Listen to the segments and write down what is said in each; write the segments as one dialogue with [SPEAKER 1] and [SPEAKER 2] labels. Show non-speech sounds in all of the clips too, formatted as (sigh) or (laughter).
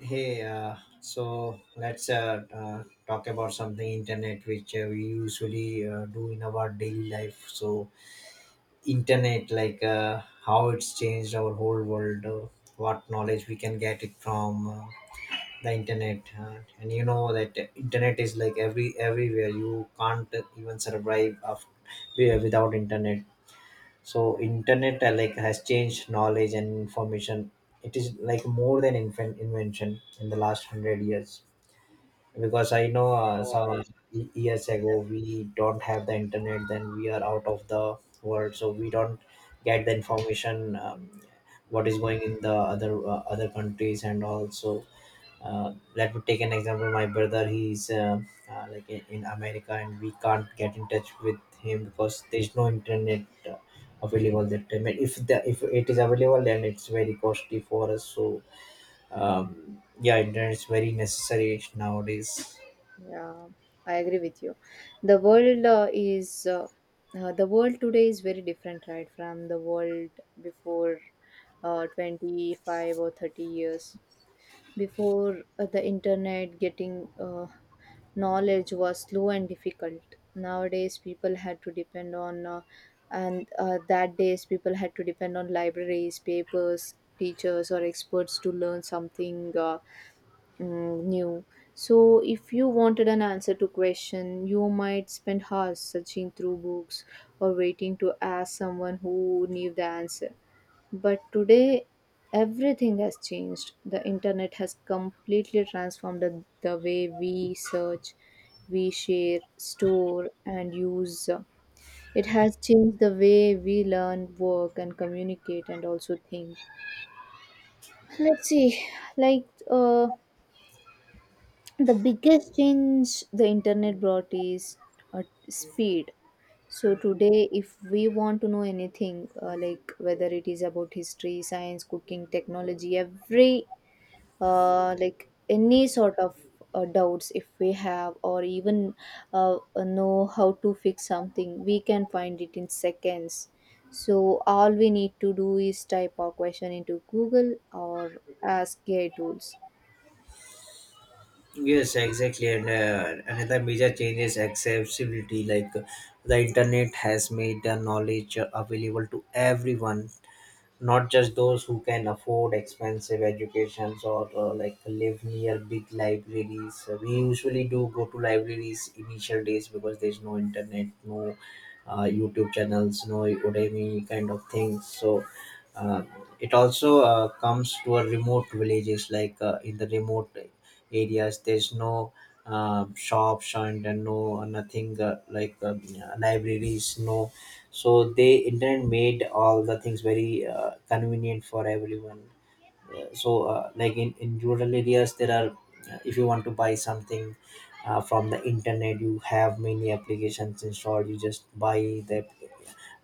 [SPEAKER 1] Hey, so let's talk about something internet, which we usually do in our daily life. So internet, like, how it's changed our whole world. What knowledge we can get it from the internet. And you know that internet is like everywhere. You can't even survive without internet. So internet, like, has changed knowledge and information. It is like more than invention in the last 100 years, because I know, some
[SPEAKER 2] Hours.
[SPEAKER 1] years ago we don't have the internet, then we are out of the world, so we don't get the information, what is going in the other other countries and also. Let me take an example. My brother, he's like, in America, and we can't get in touch with him because there's no internet uh, available that time. And if it is available, then it's very costly for us. So yeah, internet is very necessary nowadays.
[SPEAKER 2] Yeah, I agree with you. The world uh, is uh, the world today is very different, right, from the world before 25 or 30 years. Before the internet, getting knowledge was slow and difficult. Nowadays, people had to depend on, and that days people had to depend on libraries, papers, teachers, or experts to learn something. Mm, new. So, if you wanted an answer to question, you might spend hours searching through books or waiting to ask someone who knew the answer. But today, everything has changed. The internet has completely transformed the way we search, we share, store, and use. It has changed the way we learn, work, and communicate, and also think. Let's see, like, uh, the biggest change the internet brought is uh, speed. So today, if we want to know anything, like whether it is about history, science, cooking, technology, every like any sort of doubts if we have, or even know how to fix something, we can find it in seconds. So all we need to do is type our question into Google or ask AI tools.
[SPEAKER 1] Yes, exactly. And another major change is accessibility. Like, the internet has made the knowledge available to everyone, not just those who can afford expensive educations, or like, live near big libraries. We usually do go to libraries initial days because there's no internet, no youtube channels, no udemy kind of things. So uh, it also comes to a remote villages, like, in the remote areas there's no shops and no nothing, like, libraries, no. So they internet made all the things very convenient for everyone. So like, in rural areas there are, if you want to buy something from the internet, you have many applications installed, you just the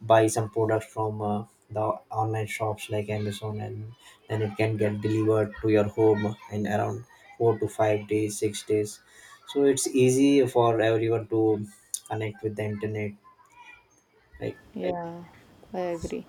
[SPEAKER 1] buy some products from the online shops like amazon, and then it can get delivered to your home in around 4 to 5 days, 6 days. So it's easy for everyone to connect with the internet, like...
[SPEAKER 2] Right? Yeah, I agree.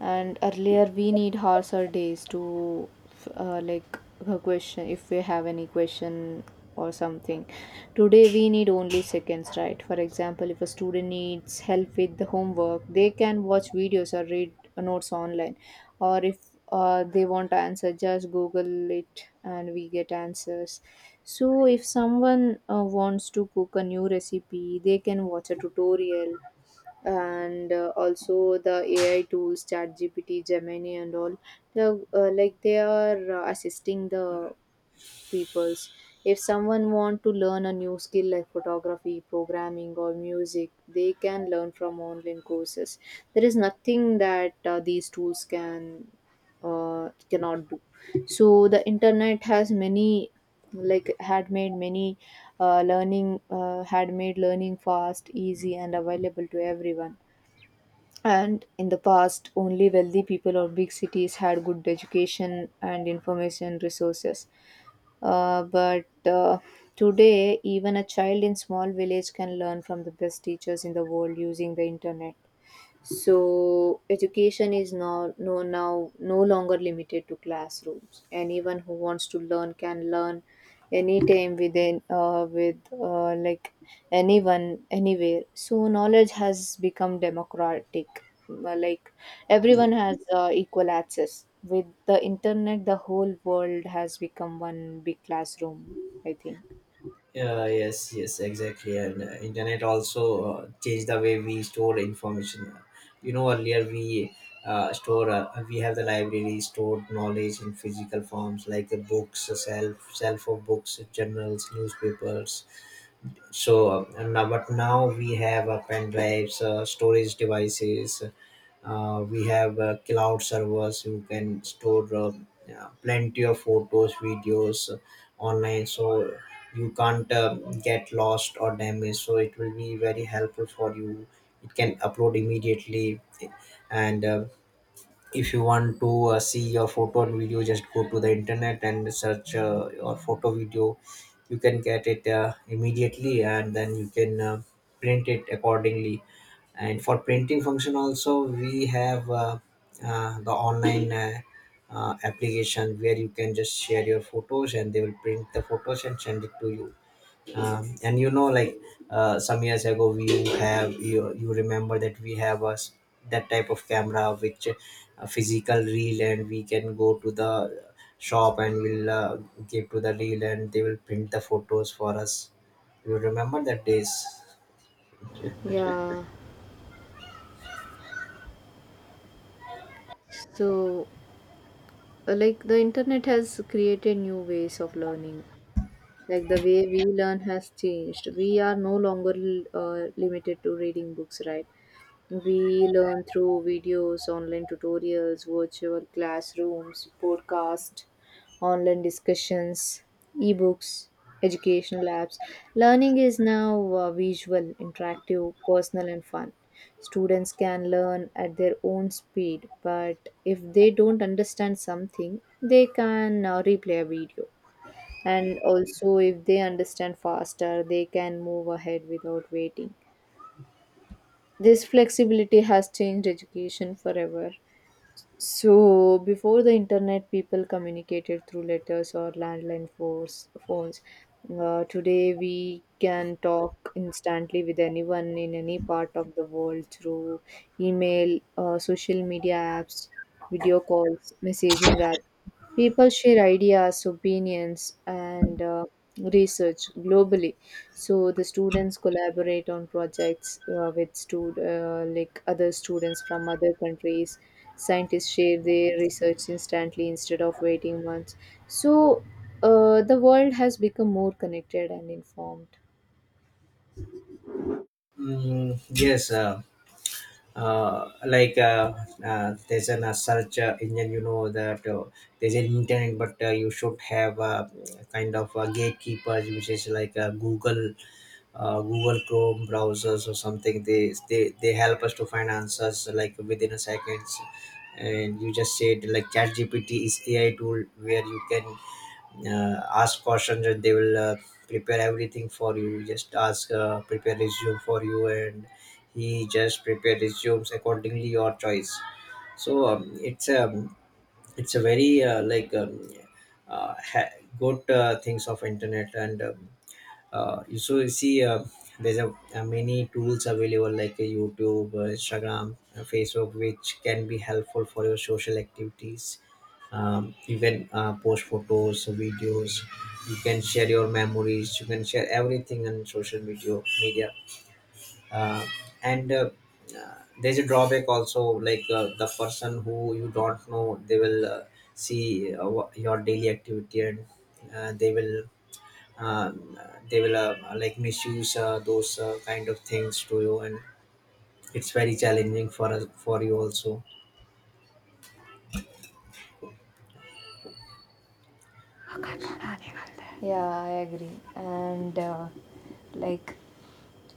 [SPEAKER 2] And earlier, we need hours or days to like a question if we have any question or something. Today, we need only seconds, right? For example, if a student needs help with the homework, they can watch videos or read notes online. Or if they want answer, just Google it and we get answers. So, if someone wants to cook a new recipe, they can watch a tutorial, and also the AI tools, ChatGPT, Gemini and all like they are assisting the peoples. If someone want to learn a new skill like photography, programming or music, they can learn from online courses. There is nothing that these tools can cannot do. So the internet has many, like had made many had made learning fast, easy and available to everyone. And in the past, only wealthy people or big cities had good education and information resources. But today, even a child in small village can learn from the best teachers in the world using the internet. So education is now no longer limited to classrooms. Anyone who wants to learn can learn anytime, within with like anyone anywhere. So knowledge has become democratic. Uh, Like Everyone has equal access. With the internet, the whole world has become one big classroom, I think.
[SPEAKER 1] Yeah, yes, yes, exactly. And internet also changed the way we store information. You know, earlier we have the library stored knowledge in physical forms like the books, a shelf of books, journals, newspapers. So, but now we have pen drives, storage devices, we have cloud servers who can store, yeah, plenty of photos, videos, online, so you can't get lost or damaged. So it will be very helpful for you. It can upload immediately, and if you want to see your photo and video, just go to the internet and search, your photo video. You can get it immediately, and then you can print it accordingly. And for printing function also we have the online application where you can just share your photos, and they will print the photos and send it to you. And you know, like, some years ago we have, you remember that we have a s that type of camera, which a physical reel, and we can go to the shop and we'll give to the reel, and they will print the photos for us. You remember that days?
[SPEAKER 2] Yeah. So like the internet has created new ways of learning. Like the way we learn has changed. We are no longer limited to reading books, right? We learn through videos, online tutorials, virtual classrooms, podcasts, online discussions, ebooks, educational apps. Learning is now visual, interactive, personal, and fun. Students can learn at their own speed, but if they don't understand something, they can replay a video, and also if they understand faster, they can move ahead without waiting. This flexibility has changed education forever. So before the internet, people communicated through letters or landline force, phones. Today, we can talk instantly with anyone in any part of the world through email, social media apps, video calls, messaging apps. People share ideas, opinions, and research globally. So the students collaborate on projects like other students from other countries. Scientists share their research instantly instead of waiting months. So the world has become more connected and informed.
[SPEAKER 1] Mm, yes, like, there's an search engine, you know that there's an internet, but you should have kind of gatekeepers, which is like google, google chrome browsers or something. They help us to find answers like within a seconds. And you just said, like, ChatGPT is ai tool where you can ask questions and they will prepare everything for you. Just ask, prepare resume for you, and he just prepare resumes accordingly your choice. So it's a very, like, uh, ha- good things of internet. And you so you see, there's many tools available like youtube, instagram, facebook, which can be helpful for your social activities. You can post photos, videos. You can share your memories, you can share everything on social media. uh, and uh, there's a drawback also, like, the person who you don't know, they will see, your daily activity, and uh, they will um, they will like, misuse those kind of things to you, and it's very challenging for us, for you also.
[SPEAKER 2] Yeah, I agree. And like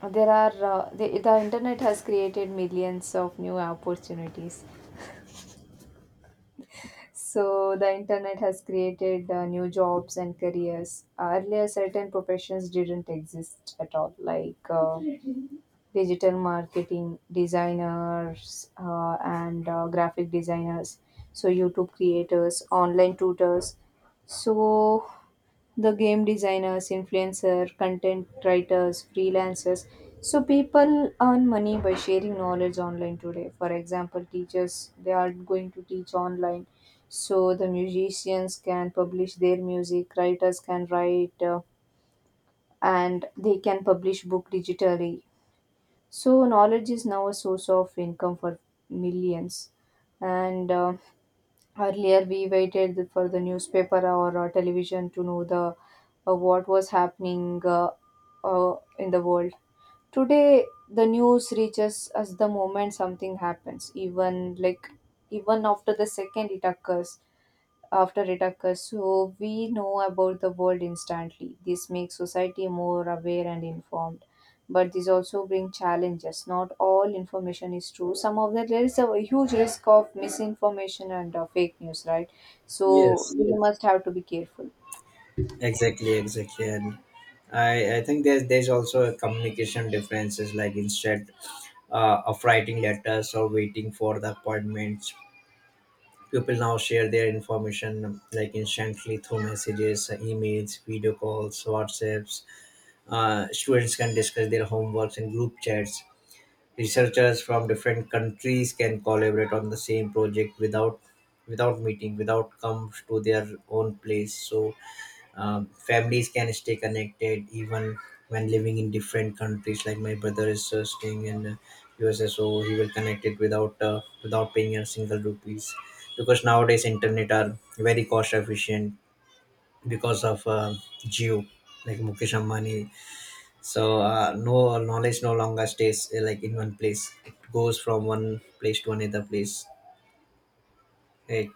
[SPEAKER 2] there are the internet has created millions of new opportunities. So the internet has created new jobs and careers. Earlier, certain professions didn't exist at all, like digital marketing designers, and graphic designers, so YouTube creators, online tutors, so the game designers, influencer, content writers, freelancers. So people earn money by sharing knowledge online today. For example, teachers, they are going to teach online. So the musicians can publish their music, writers can write, and they can publish book digitally. So, knowledge is now a source of income for millions. And earlier, we waited for the newspaper or television to know the what was happening in the world. Today, the news reaches us the moment something happens, even like even after the second it occurs after it occurs, so we know about the world instantly. This makes society more aware and informed. But this also brings challenges. Not all information is true. Some of that, there is a huge risk of misinformation and fake news, right? So
[SPEAKER 1] Yes,
[SPEAKER 2] we Yes. must have to be careful.
[SPEAKER 1] exactly, exactly. And I think there's also a communication differences, like, instead of writing letters or waiting for the appointments. People now share their information, like, instantly through messages, emails, video calls, whatsapps. Students can discuss their homeworks in group chats. Researchers from different countries can collaborate on the same project without meeting, without comes to their own place. So families can stay connected even when living in different countries, like my brother is staying in USA, so he will connect it without paying a single rupees, because nowadays internet are very cost efficient, because of geo, like mukesh ambani. So knowledge no longer stays, like, in one place, it goes from one place to another place, right?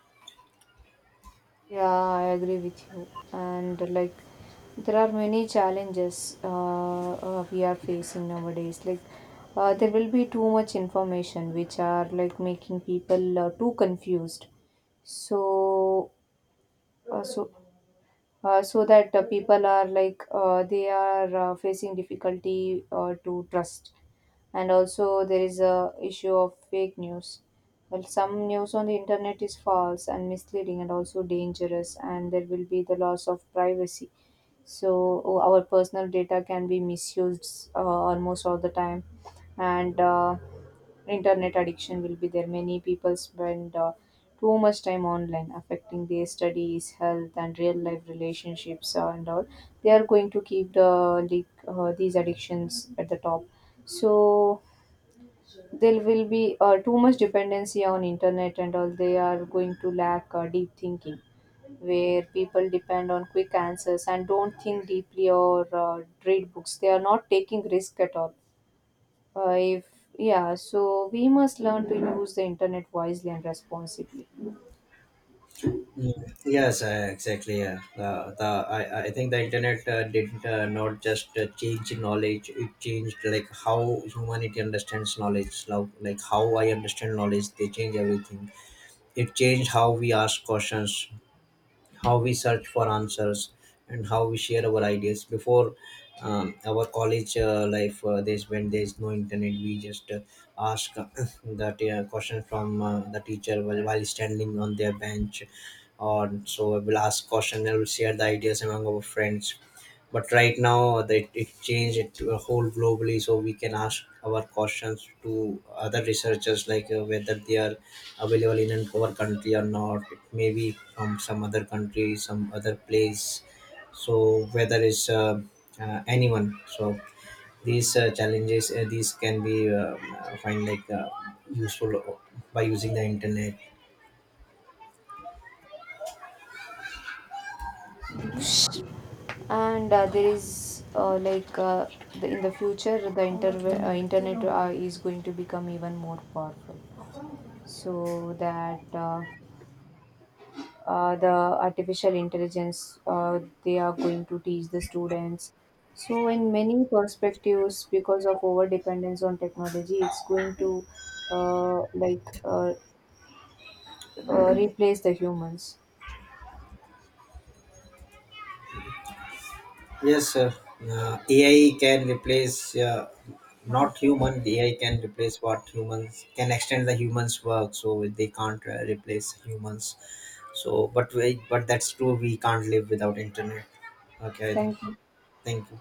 [SPEAKER 2] Yeah, I agree with you. And like, there are many challenges we are facing nowadays. Like, there will be too much information, which are like making people too confused. So, uh, so, so that people are they are facing difficulty to trust. And also there is a issue of fake news. Well, some news on the internet is false and misleading and also dangerous. And there will be the loss of privacy, so our personal data can be misused almost all the time. And internet addiction will be there. Many people spend too much time online, affecting their studies, health and real life relationships, and all. They are going to keep the these addictions at the top. So there will be too much dependency on internet, and all they are going to lack deep thinking, where people depend on quick answers and don't think deeply or read books. They are not taking risk at all. If Yeah, so we must learn to use the internet wisely and responsibly.
[SPEAKER 1] Mm, yes, exactly. Yeah, the I think the internet didn't not just change knowledge; it changed like how humanity understands knowledge. Like how I understand knowledge, they change everything. It changed how we ask questions, how we search for answers, and how we share our ideas. Before our college life, there's when there's no internet, we just ask, (coughs) (clears throat) that question from the teacher, while standing on their bench, or so we will ask question and will share the ideas among our friends. But right now that it changed it to a whole globally, so we can ask our questions to other researchers, like, whether they are available in our country or not. It may be from some other country, some other place. So whether it's anyone, so these challenges, these can be find, like, useful, by using the internet.
[SPEAKER 2] And there is like the, in the future, the internet is going to become even more powerful. So that the artificial intelligence, they are going to teach the students. So in many perspectives, because of over dependence on technology, it's going to uh, like uh, replace the humans.
[SPEAKER 1] Yes, sir. AI can replace, not human. AI can replace what humans can extend the humans' work, so they can't replace humans. So, but that's true. We can't live without internet. Okay, I think.
[SPEAKER 2] Thank you.
[SPEAKER 1] Thank you.